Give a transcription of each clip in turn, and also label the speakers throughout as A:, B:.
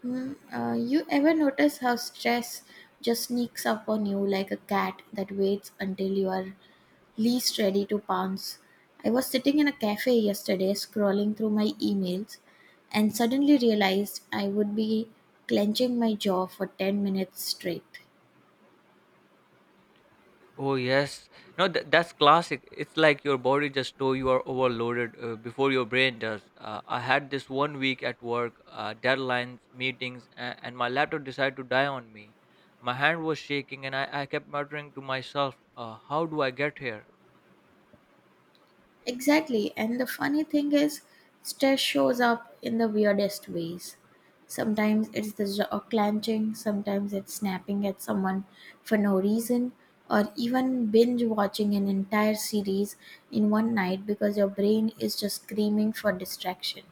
A: Hmm. You ever notice how stress just sneaks up on you like a cat that waits until you are least ready to pounce? I was sitting in a cafe yesterday scrolling through my emails and suddenly realized I would be clenching my jaw for 10 minutes straight.
B: Oh yes, no, that's classic. It's like your body just know you are overloaded before your brain does. I had this 1 week at work, deadlines, meetings, and my laptop decided to die on me. My hand was shaking, and I kept muttering to myself, "How do I get here?"
A: Exactly. And the funny thing is, stress shows up in the weirdest ways. Sometimes it's the jaw clenching, sometimes it's snapping at someone for no reason, or even binge watching an entire series in one night because your brain is just screaming for distraction.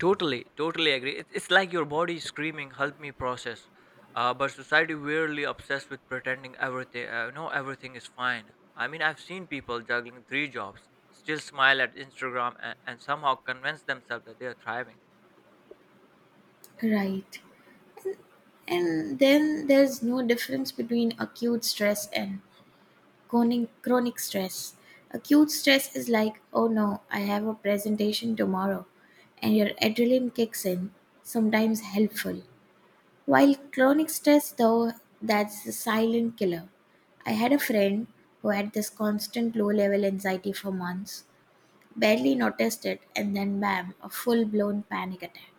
B: Totally, totally agree. It's like your body is screaming, "Help me process." But society weirdly obsessed with pretending everything. No, everything is fine. I mean, I've seen people juggling three jobs, still smile at Instagram, and somehow convince themselves that they are thriving.
A: Right. And then there's no difference between acute stress and chronic stress. Acute stress is like, oh no, I have a presentation tomorrow, and your adrenaline kicks in, sometimes helpful. While chronic stress, though, that's the silent killer. I had a friend who had this constant low level anxiety for months, barely noticed it, and then bam, a full blown panic attack.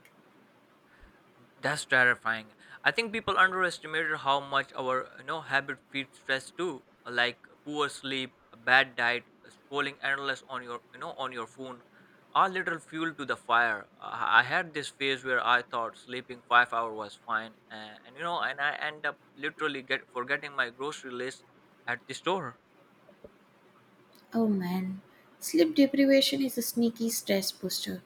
B: That's terrifying. I think people underestimated how much our habit feeds stress too, like poor sleep, a bad diet, scrolling endless on your on your phone, are little fuel to the fire. I had this phase where I thought sleeping 5 hours was fine, and and I end up literally get forgetting my grocery list at the store.
A: Oh man, sleep deprivation is a sneaky stress booster.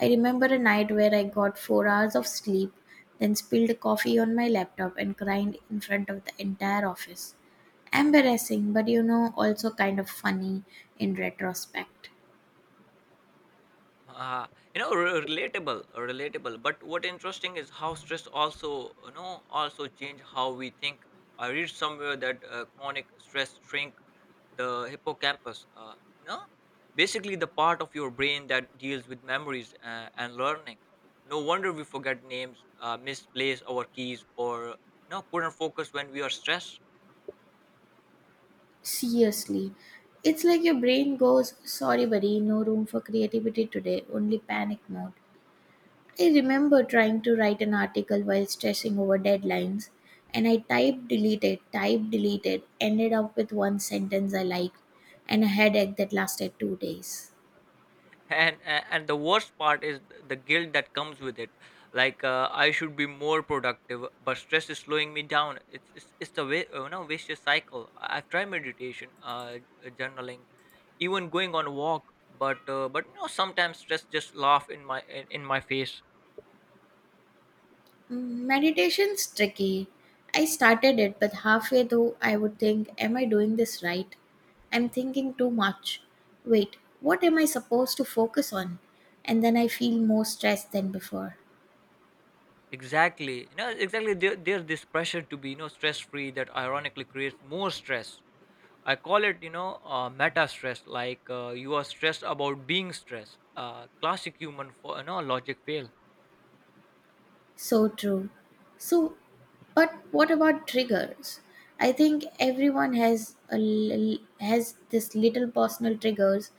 A: I remember a night where I got 4 hours of sleep, then spilled coffee on my laptop and cried in front of the entire office. Embarrassing, but you know, also kind of funny in retrospect.
B: Uh, relatable, relatable. But what interesting is how stress also, also change how we think. I read somewhere that chronic stress shrink the hippocampus. No, basically the part of your brain that deals with memories and learning. No wonder we forget names, misplace our keys, or no, couldn't focus when we are stressed.
A: Seriously, it's like your brain goes, sorry, buddy, no room for creativity today, only panic mode. I remember trying to write an article while stressing over deadlines, and I typed, deleted, ended up with one sentence I liked, and a headache that lasted 2 days.
B: And the worst part is the guilt that comes with it like I should be more productive, but stress is slowing me down. It's a vicious cycle. I've tried meditation, journaling, even going on a walk, but sometimes stress just laugh in my in my face.
A: Meditation's tricky. I started it, but halfway through, I would think, am I doing this right? I'm thinking too much. Wait, what am I supposed to focus on? And then I feel more stressed than before.
B: Exactly, exactly, there's this pressure to be stress free that ironically creates more stress. I call it, meta stress. Like you are stressed about being stressed. Classic human for logic fail.
A: So true. So, but what about triggers? I think everyone has a has this little personal triggers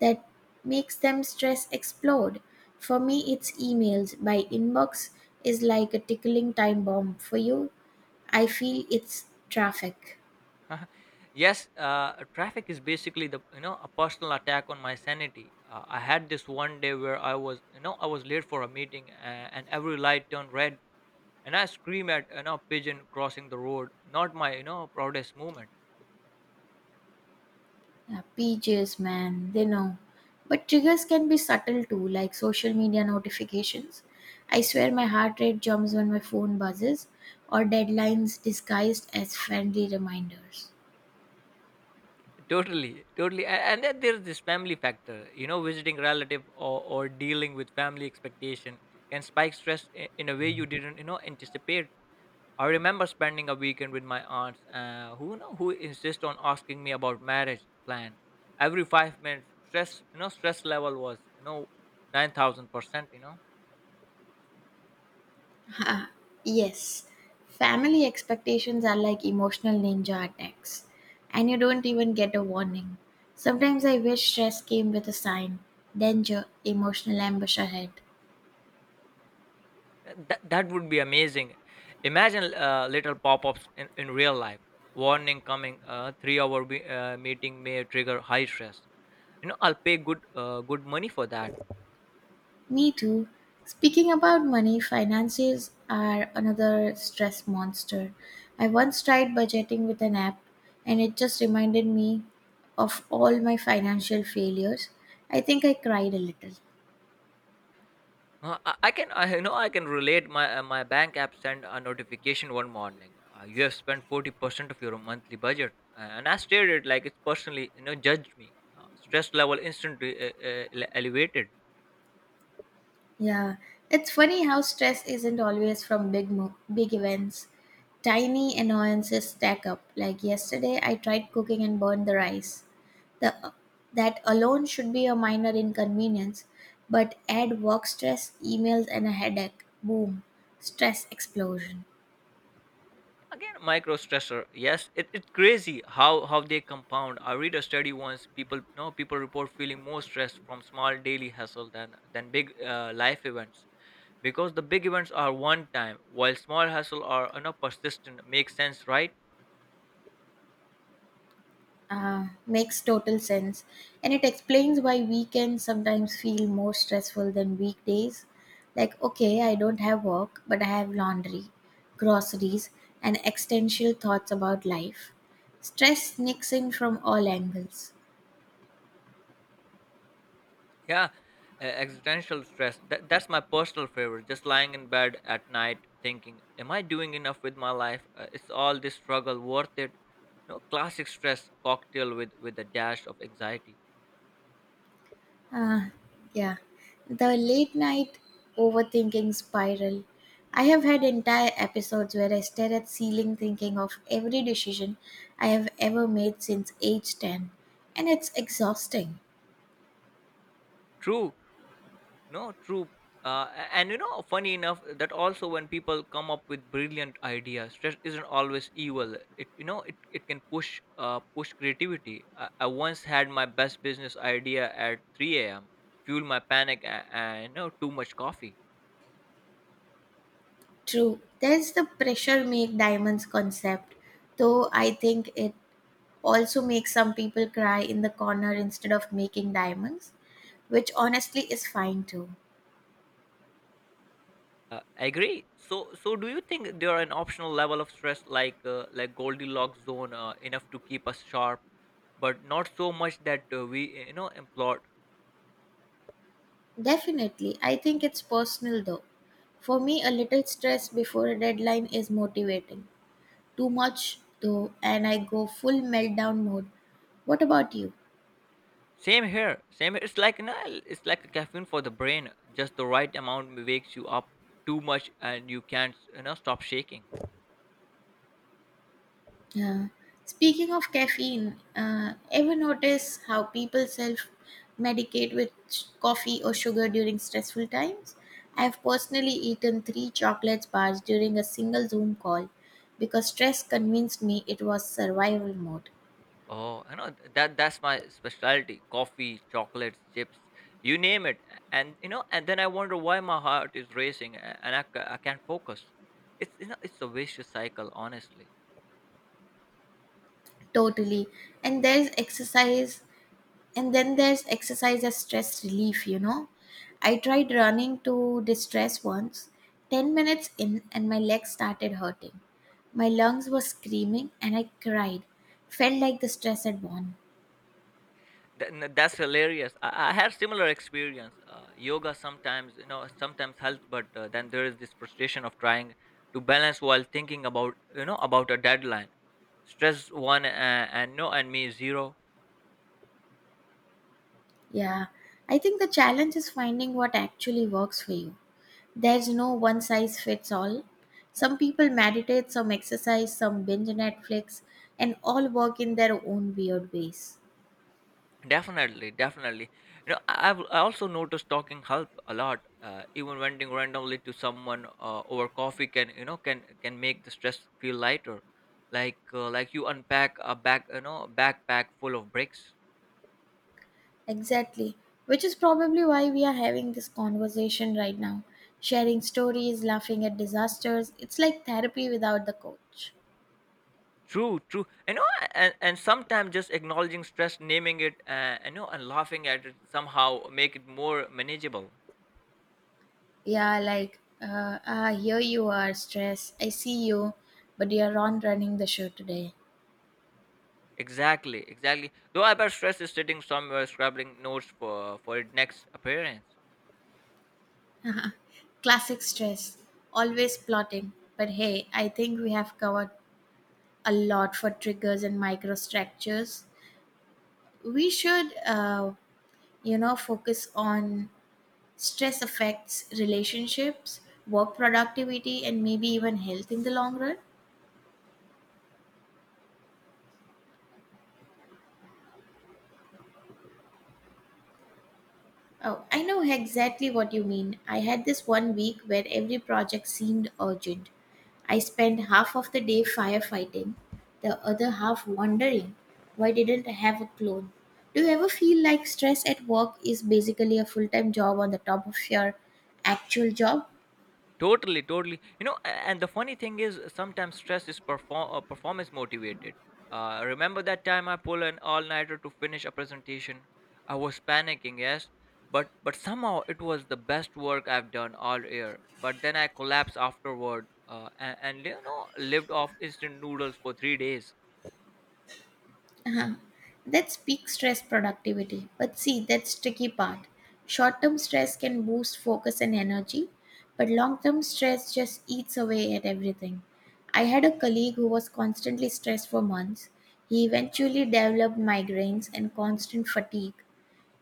A: that makes them stress explode. For me, it's emails. My inbox is like a tickling time bomb. For you, I feel it's traffic.
B: Yes, traffic is basically the a personal attack on my sanity. I had this 1 day where I was late for a meeting, and every light turned red, and I scream at pigeon crossing the road. Not my proudest moment.
A: Yeah, pages, man, they know. But triggers can be subtle too, like social media notifications. I swear my heart rate jumps when my phone buzzes, or deadlines disguised as friendly reminders.
B: Totally, totally, and then there's this family factor. You know, visiting relative or dealing with family expectation can spike stress in a way you didn't, anticipate. I remember spending a weekend with my aunts, who insist on asking me about marriage plan every 5 minutes. Stress, stress level was 9,000%. You know,
A: Ha, yes, family expectations are like emotional ninja attacks, and you don't even get a warning. Sometimes I wish stress came with a sign danger, emotional ambush ahead.
B: That would be amazing. Imagine little pop ups in real life. Warning coming, 3 hour meeting may trigger high stress. You know, I'll pay good good money for that.
A: Me too. Speaking about money, finances are another stress monster. I once tried budgeting with an app and it just reminded me of all my financial failures. I think I cried a little.
B: I can, I you know, I can relate. My my bank app sent a notification one morning. You have spent 40% of your monthly budget. And I stared at it like it's personally, judged me. Stress level instantly elevated.
A: Yeah, it's funny how stress isn't always from big events. Tiny annoyances stack up. Like yesterday, I tried cooking and burned the rice. The That alone should be a minor inconvenience, but add work stress, emails, and a headache. Boom, stress explosion.
B: Again, micro stressor, yes, it's crazy how they compound. I read a study once people no people report feeling more stressed from small daily hustle than big life events, because the big events are one time while small hustle are persistent. Makes sense, right?
A: Makes total sense. And it explains why weekends sometimes feel more stressful than weekdays. Like, okay, I don't have work, but I have laundry, groceries, and existential thoughts about life. Stress sneaks in from all angles.
B: Yeah, existential stress. That's my personal favorite. Just lying in bed at night thinking, am I doing enough with my life? Is all this struggle worth it? No, classic stress cocktail with a dash of anxiety.
A: Ah, yeah. The late night overthinking spiral. I have had entire episodes where I stare at ceiling thinking of every decision I have ever made since age 10, and it's exhausting.
B: True. No, true. A- and you know, funny enough, That also when people come up with brilliant ideas, stress isn't always evil. It can push push creativity. I once had my best business idea at 3 a.m. fueled my panic, and too much coffee.
A: True, there's the pressure make diamonds concept, though I think it also makes some people cry in the corner instead of making diamonds, which honestly is fine too.
B: I agree. So do you think there are an optional level of stress like Goldilocks zone, enough to keep us sharp, but not so much that we implode?
A: Definitely. I think it's personal though. For me, a little stress before a deadline is motivating. Too much though, and I go full meltdown mode. What about you?
B: Same here. Same here. It's like no, it's like a caffeine for the brain. Just the right amount wakes you up, too much, and you can't stop shaking.
A: Uh, Speaking of caffeine, ever notice how people self medicate with coffee or sugar during stressful times? I've personally eaten three chocolate bars during a single Zoom call because stress convinced me it was survival mode.
B: Oh, I know that that's my specialty. Coffee, chocolates, chips, you name it. And then I wonder why my heart is racing and I can't focus. It's it's a vicious cycle, honestly.
A: Totally. And there's exercise, and then there's exercise as stress relief, you know. I tried running to distress once, 10 minutes in, and my legs started hurting. My lungs were screaming, and I cried. Felt like the stress had gone.
B: That's hilarious. I have similar experience. Uh, yoga sometimes sometimes helps, but Then there is this frustration of trying to balance while thinking about about a deadline. Stress one, and no and me zero.
A: Yeah, I think the challenge is finding what actually works for you. There's no one size fits all. Some people meditate, some exercise, some binge Netflix, and all work in their own weird ways.
B: Definitely, definitely, I also noticed talking help a lot, even venting randomly to someone over coffee can can make the stress feel lighter, like you unpack a backpack full of bricks.
A: Exactly, which is probably why we are having this conversation right now. Sharing stories, laughing at disasters, it's like therapy without the coach.
B: True, true. I know, and sometimes just acknowledging stress, naming it, I know, and laughing at it somehow make it more manageable.
A: Yeah, like, ah, here you are, stress. I see you, but you're on running the show today.
B: Exactly, exactly. Though I bet stress is sitting somewhere, scrabbling notes for its next appearance.
A: Classic stress, always plotting. But hey, I think we have covered a lot for triggers and microstructures. We should, focus on stress affects relationships, work productivity, and maybe even health in the long run. Oh, I know exactly what you mean. I had this one week where every project seemed urgent. I spent half of the day firefighting, the other half wondering why didn't I have a clone. Do you ever feel like stress at work is basically a full time job on the top of your actual job?
B: Totally, totally. You know, and the funny thing is, sometimes stress is performance motivated. Remember that time I pulled an all-nighter to finish a presentation? I was panicking, yes, but somehow it was the best work I've done all year. But then I collapsed afterward, lived off instant noodles for 3 days.
A: Uh-huh. That's peak stress productivity. But see, that's tricky part. Short term stress can boost focus and energy, but long term stress just eats away at everything. I had a colleague who was constantly stressed for months. He eventually developed migraines and constant fatigue.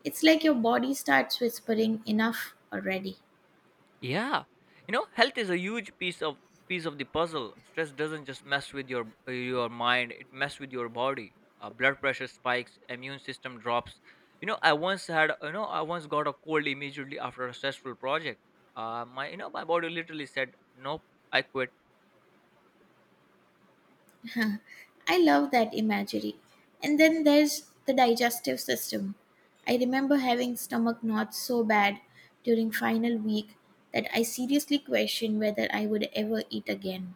A: It's like your body starts whispering enough already.
B: Yeah. You know, health is a huge piece of the puzzle. Stress doesn't just mess with your mind, it mess with your body. Blood pressure spikes, immune system drops. You know, I once had, you know, I once got a cold immediately after a stressful project. My, my body literally said, "Nope, I quit."
A: Huh, I love that imagery. And then there's the digestive system. I remember having stomach knots so bad during final week that I seriously questioned whether I would ever eat again.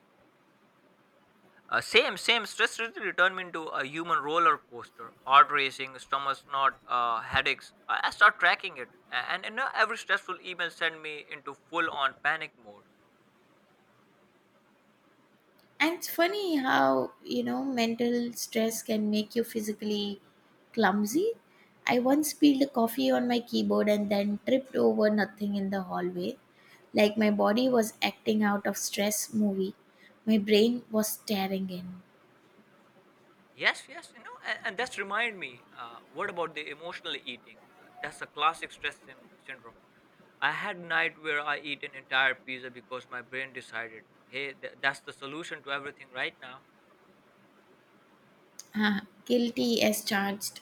B: Same, same. Stress literally turned me into a human roller coaster. Heart racing, stomach knot, headaches. I start tracking it, and now every stressful email sent me into full-on panic mode.
A: And it's funny how, you know, mental stress can make you physically clumsy. I once spilled coffee on my keyboard and then tripped over nothing in the hallway. Like my body was acting out of stress movie. My brain was staring in.
B: Yes, yes, you know, and that's remind me. What about the emotional eating? That's a classic stress syndrome. I had a night where I eat an entire pizza because my brain decided, hey, that's the solution to everything right now.
A: Ah, guilty as charged.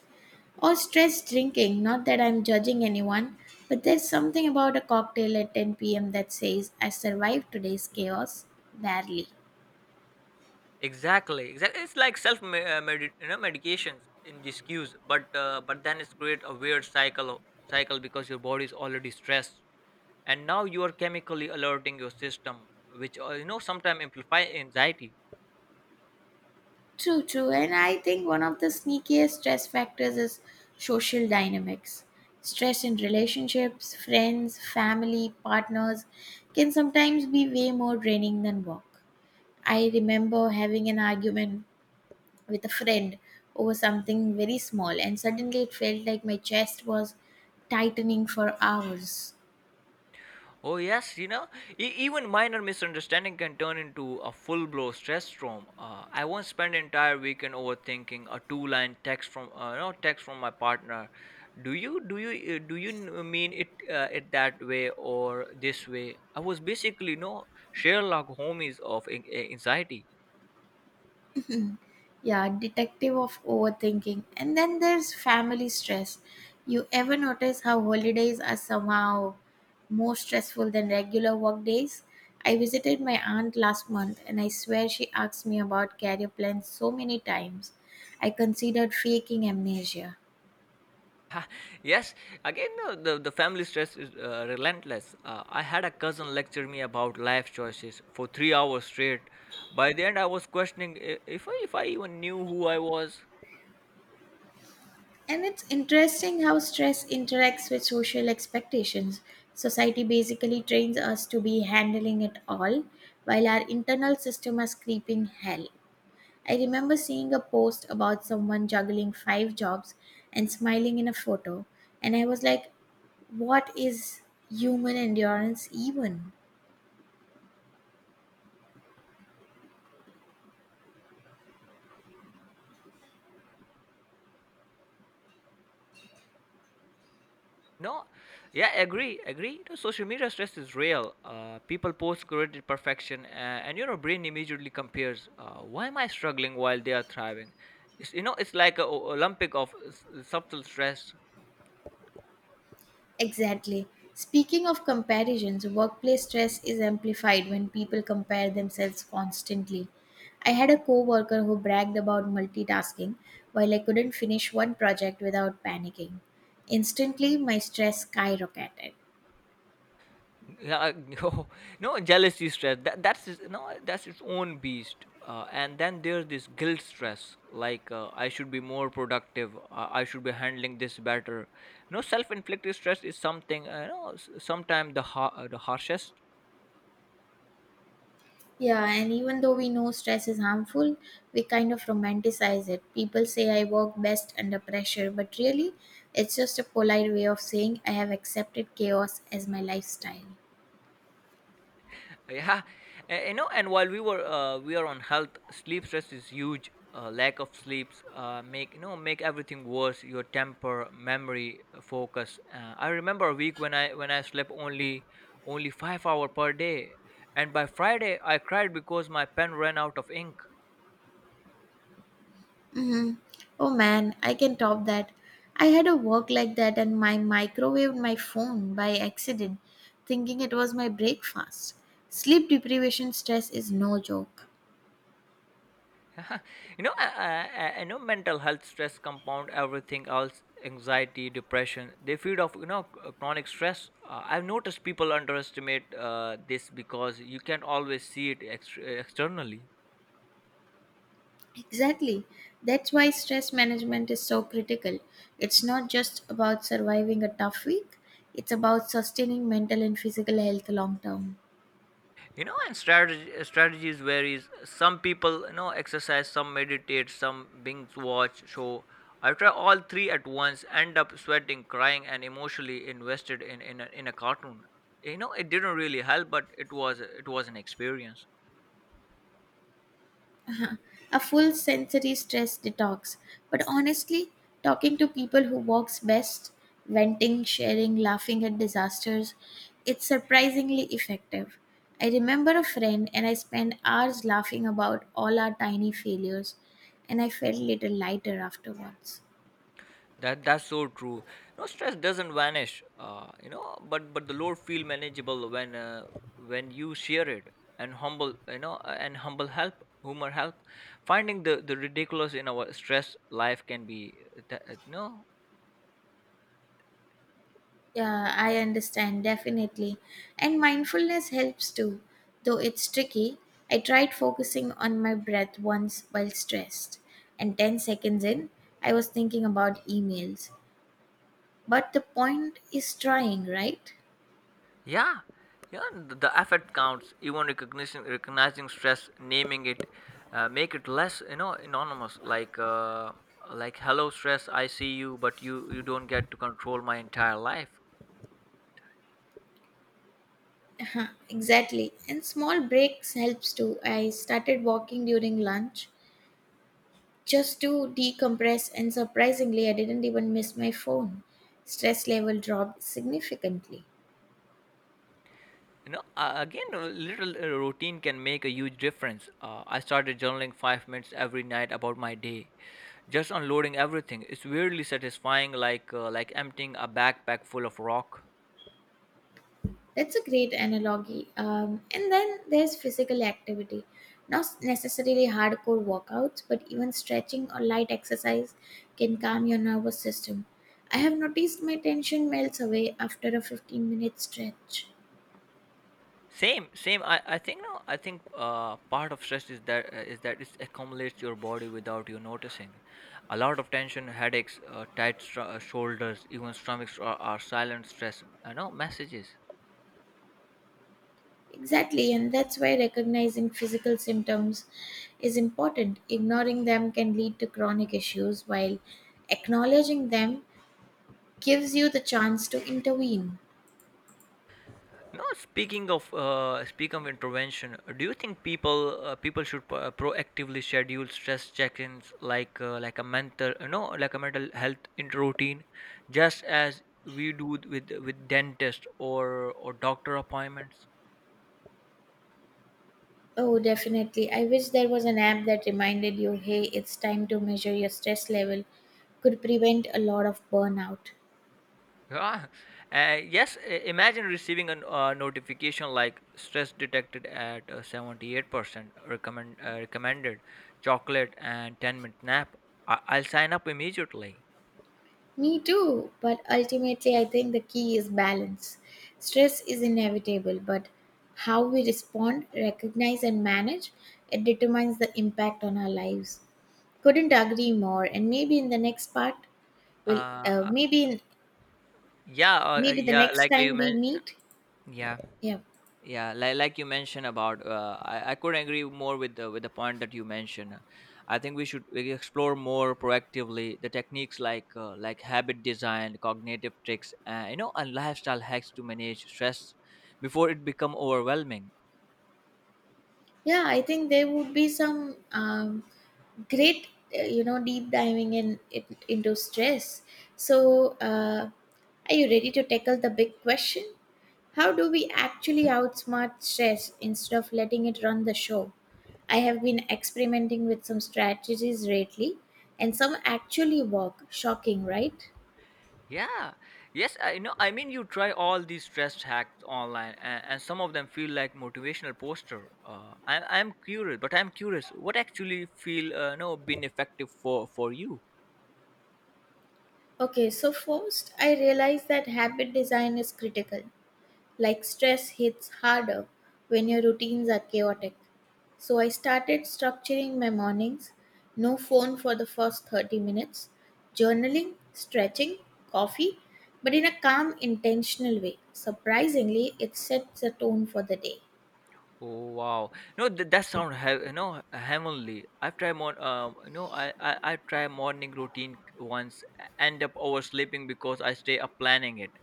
A: Or stress drinking. Not that I'm judging anyone, but there's something about a cocktail at 10 p.m. that says, I survived today's chaos. Barely.
B: Exactly, exactly. It's like self me- medi- you know medications in these cues, but but then it's create a weird cycle because your body is already stressed, and now you are chemically alerting your system, which sometimes amplify anxiety.
A: True, true. And I think one of the sneakiest stress factors is social dynamics. Stress in relationships, friends, family, partners can sometimes be way more draining than work. I remember having an argument with a friend over something very small, and suddenly it felt like my chest was tightening for hours.
B: Oh, yes, you know, even minor misunderstanding can turn into a full blown stress storm. I once spent an entire weekend overthinking a two line text from, text from my partner. Do you mean it, it that way or this way? I was basically, Sherlock Holmes of anxiety.
A: Yeah, detective of overthinking. And then there's family stress. You ever notice how holidays are somehow more stressful than regular work days? I visited my aunt last month and I swear she asked me about career plans so many times. I considered faking amnesia.
B: Yes, again, the family stress is relentless. I had a cousin lecture me about life choices for 3 hours straight. By the end, I was questioning if I even knew who I was.
A: And it's interesting how stress interacts with social expectations. Society basically trains us to be handling it all, while our internal system is creeping hell. I remember seeing a post about someone juggling five jobs and smiling in a photo, and I was like, what is human endurance even?
B: No, yeah, agree, agree. The social media stress is real. People post curated perfection, and your brain immediately compares. Why am I struggling while they are thriving? It's, it's like a o- Olympic of subtle stress.
A: Exactly. Speaking of comparisons, workplace stress is amplified when people compare themselves constantly. I had a coworker who bragged about multitasking while I couldn't finish one project without panicking. Instantly, my stress skyrocketed.
B: Yeah, no, no jealousy stress. That that's his- no, That's its own beast. And then there's this guilt stress, like I should be more productive. I should be handling this better. No, self-inflicted stress is something. You know, sometimes the harshest.
A: Yeah, and even though we know stress is harmful, we kind of romanticize it. People say I work best under pressure, but really, it's just a polite way of saying I have accepted chaos as my lifestyle.
B: Yeah. You know and while we were We are on health. Sleep stress is huge. Uh, lack of sleeps make make everything worse, your temper, memory, focus. Uh, I remember a week when I slept only 5 hour per day, and by Friday I cried because my pen ran out of ink.
A: Hmm. Oh man, I can top that. I had a work like that and my microwaved my phone by accident, thinking it was my breakfast. Sleep deprivation stress is no joke.
B: You know, I know mental health stress compound everything else, anxiety, depression. They feed off, chronic stress. I've noticed people underestimate this because you can not always see it externally.
A: Exactly. That's why stress management is so critical. It's not just about surviving a tough week, it's about sustaining mental and physical health long term.
B: You know, and strategies varies. Some people, you know, exercise, some meditate, some binge watch show. I try all three at once, end up sweating, crying, and emotionally invested in a cartoon. You know, it didn't really help, but it was an experience.
A: A full sensory stress detox. But honestly, talking to people who works best, venting, sharing, laughing at disasters, it's surprisingly effective. I remember a friend and I spent hours laughing about all our tiny failures and I felt little lighter afterwards.
B: That's so true. No, stress doesn't vanish, but the load feel manageable when you share it and humble, you know, and humble help, humor help. Finding the ridiculous in our stress life can be, th- no,
A: Yeah, I understand, definitely. And mindfulness helps too, though it's tricky. I tried focusing on my breath once while stressed, and 10 seconds in, I was thinking about emails. But the point is trying, right?
B: yeah, yeah. The effort counts. Even recognizing stress, naming it, make it less, you know, anonymous. Like hello stress, I see you, but you don't get to control my entire life.
A: Uh-huh, exactly. And small breaks helps too. I started walking during lunch just to decompress, and surprisingly, I didn't even miss my phone. Stress level dropped significantly.
B: You know, again, a little routine can make a huge difference. I started journaling 5 minutes every night about my day, just unloading everything. It's weirdly satisfying, like emptying a backpack full of rock.
A: That's a great analogy. And then there's physical activity. Not necessarily hardcore workouts, but even stretching or light exercise can calm your nervous system. I have noticed my tension melts away after a 15-minute stretch.
B: Same, same. I think no. I think part of stress is that it accumulates your body without you noticing. A lot of tension, headaches, shoulders, even stomachs are silent stress. I know messages.
A: Exactly, and that's why recognizing physical symptoms is important. Ignoring them can lead to chronic issues, while acknowledging them gives you the chance to intervene.
B: No, speak of intervention, do you think people should proactively schedule stress check-ins like a mental health routine, just as we do with dentist or doctor appointments?
A: Oh, definitely. I wish there was an app that reminded you, hey, it's time to measure your stress level, could prevent a lot of burnout.
B: Yeah. Yes. Imagine receiving a notification like stress detected at 78% recommended chocolate and 10-minute nap. I'll sign up immediately.
A: Me too, but ultimately, I think the key is balance. Stress is inevitable, but how we respond, recognize, and manage it determines the impact on our lives. Couldn't agree more. And maybe in the next part, we'll
B: uh,
A: maybe in, maybe the
B: Yeah,
A: next
B: like you
A: time we
B: mentioned.
A: meet,
B: Yeah,
A: yeah.
B: like you mentioned about. I couldn't agree more with the point that you mentioned. I think we should we explore more proactively the techniques like habit design, cognitive tricks, and lifestyle hacks to manage stress before it become overwhelming.
A: Yeah, I think there would be some great deep diving in it, into stress, so uh, are you ready to tackle the big question? How do we actually outsmart stress instead of letting it run the show? I have been experimenting with some strategies lately, and some actually work, shocking right?
B: Yeah. Yes, I know. I mean, you try all these stress hacks online, and some of them feel like motivational poster. I'm curious. What actually feel, no, been effective for you?
A: Okay, so first I realized that habit design is critical. Like stress hits harder when your routines are chaotic. So I started structuring my mornings, no phone for the first 30 minutes, journaling, stretching, coffee, but in a calm, intentional way. Surprisingly, it sets the tone for the day.
B: Oh wow! No, that sound heavenly. I've tried more. I try morning routine once, end up oversleeping because I stay up planning it.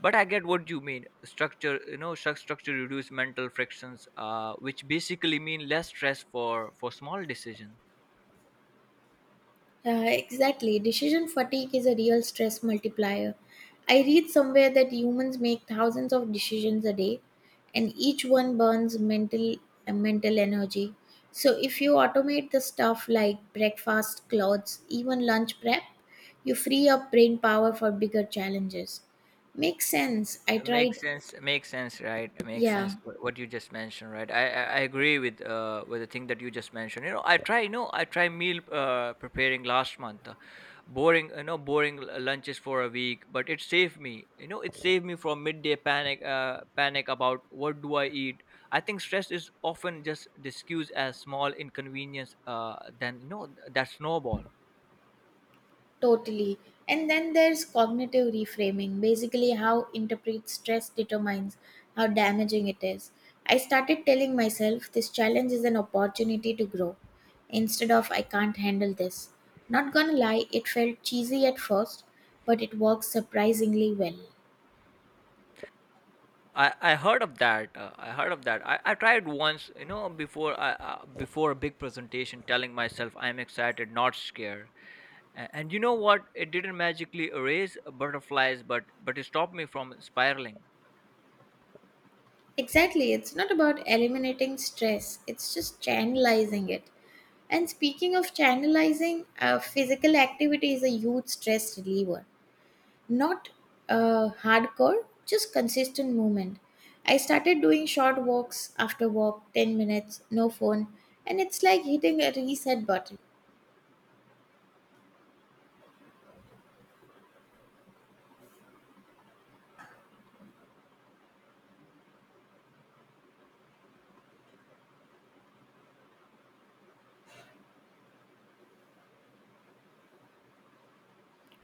B: But I get what you mean. Structure, you know, structure reduce mental frictions. Which basically mean less stress for small decisions.
A: Exactly. Decision fatigue is a real stress multiplier. I read somewhere that humans make thousands of decisions a day, and each one burns mental mental energy. So if you automate the stuff like breakfast, clothes, even lunch prep, you free up brain power for bigger challenges. Makes sense. I
B: makes
A: tried.
B: sense makes sense right makes
A: Yeah.
B: sense wh- What you just mentioned, right? I agree with with the thing that you just mentioned. I try meal preparing last month, boring, l- lunches for a week, but it saved me, from midday panic about what do I eat. I think stress is often just discussed as small inconvenience than no, that snowball.
A: Totally. And then there's cognitive reframing, basically, how interpret stress determines how damaging it is. I started telling myself this challenge is an opportunity to grow instead of I can't handle this. Not gonna lie, it felt cheesy at first, but it works surprisingly well.
B: I heard of that. I tried once, you know, before a big presentation, telling myself I'm excited, not scared. And you know what? It didn't magically erase butterflies, but it stopped me from spiraling.
A: Exactly, it's not about eliminating stress, it's just channelizing it. And speaking of channelizing, physical activity is a huge stress reliever. Not hardcore, just consistent movement. I started doing short walks after work, 10 minutes, no phone, and it's like hitting a reset button.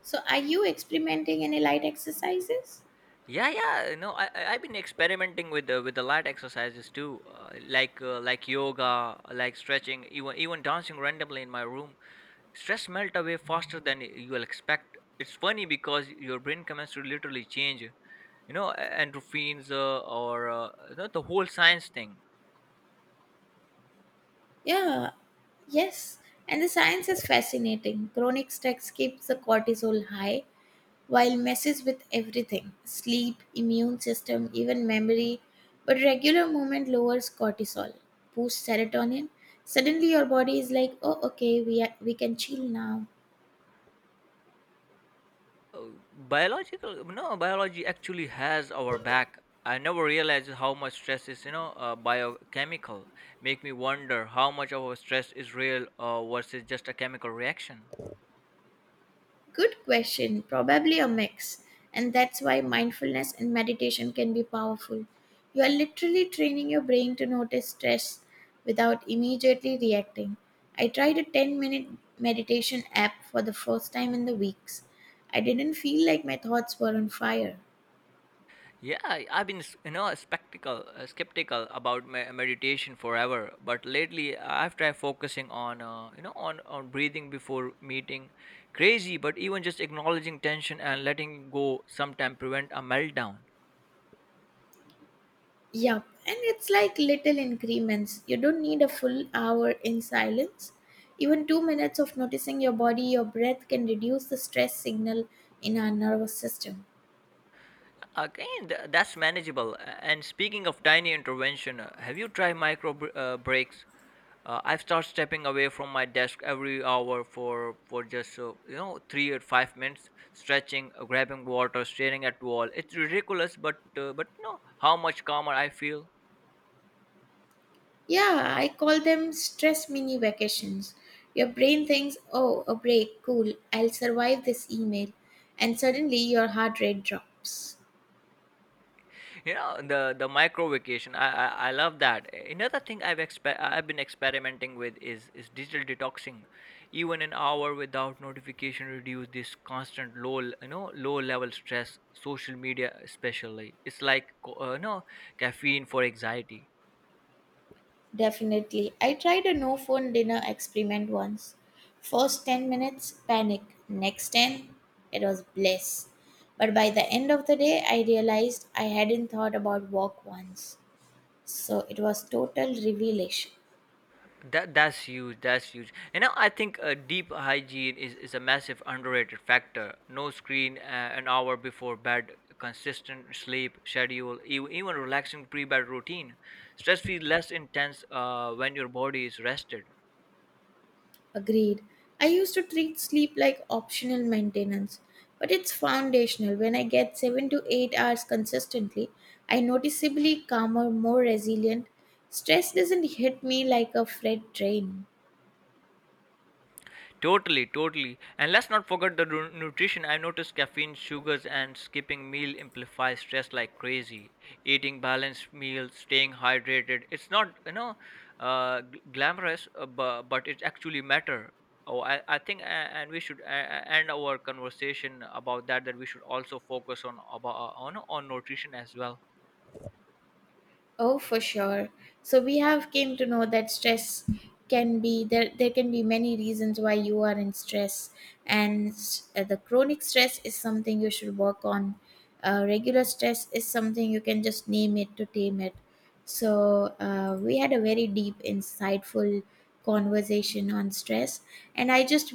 A: So, are you experimenting any light exercises?
B: Yeah, yeah. I've been experimenting with the light exercises too, like yoga, like stretching, even dancing randomly in my room. Stress melt away faster than you'll expect. It's funny because your brain chemistry literally change, you know a- and or you know, the whole science thing.
A: Yeah, yes. And the science is fascinating. Chronic stress keeps the cortisol high, while messes with everything sleep, immune system, even memory. But regular movement lowers cortisol, boosts serotonin. Suddenly, your body is like, oh, okay, we, are, we can chill now.
B: Biological no Biology actually has our back. I never realized how much stress is, biochemical. Make me wonder how much of our stress is real, versus just a chemical reaction.
A: Good question. Probably a mix. And that's why mindfulness and meditation can be powerful. You are literally training your brain to notice stress without immediately reacting. I tried a 10-minute meditation app for the first time in the weeks. I didn't feel like my thoughts were on fire.
B: Yeah, I- I've been, s- you know, a spectacle, skeptical about meditation forever, but lately I've tried focusing on, on breathing before meeting. Crazy, but even just acknowledging tension and letting go sometimes prevent a meltdown.
A: Yup, and it's like little increments. You don't need a full hour in silence. Even 2 minutes of noticing your body, your breath can reduce the stress signal in our nervous system.
B: Again, that's manageable. And speaking of tiny intervention, have you tried micro breaks? I start stepping away from my desk every hour for just 3 or 5 minutes, stretching, grabbing water, staring at wall. It's ridiculous, but no, how much calmer I feel.
A: Yeah, I call them stress mini vacations. Your brain thinks, oh, a break, cool, I'll survive this email. And suddenly your heart rate drops.
B: You know, the micro vacation, I love that. Another thing I've been experimenting with is digital detoxing. Even an hour without notification reduce this constant low l- you know low level stress. Social media especially, it's like co- no caffeine for anxiety.
A: Definitely. I tried a no phone dinner experiment once. First 10 minutes, panic. Next 10, it was bliss. But by the end of the day, I realized I hadn't thought about work once. So it was total revelation.
B: That's huge. That's huge. You know, I think deep hygiene is a massive underrated factor. No screen an hour before bed, consistent sleep schedule, even relaxing pre-bed routine. Stress feels less intense when your body is rested.
A: Agreed. I used to treat sleep like optional maintenance, but it's foundational. When I get 7 to 8 hours consistently, I noticeably calmer, more resilient. Stress doesn't hit me like a freight train.
B: Totally, totally. And let's not forget the nutrition. I noticed caffeine, sugars, and skipping meal amplify stress like crazy. Eating balanced meals, staying hydrated. It's not, glamorous, but it actually matter. Oh, I think, and we should end our conversation about that. That we should also focus on about on nutrition as well.
A: Oh, for sure. So we have came to know that stress can be there. There can be many reasons why you are in stress, and the chronic stress is something you should work on. Regular stress is something you can just name it to tame it. We had a very deep, insightful conversation on stress, and I just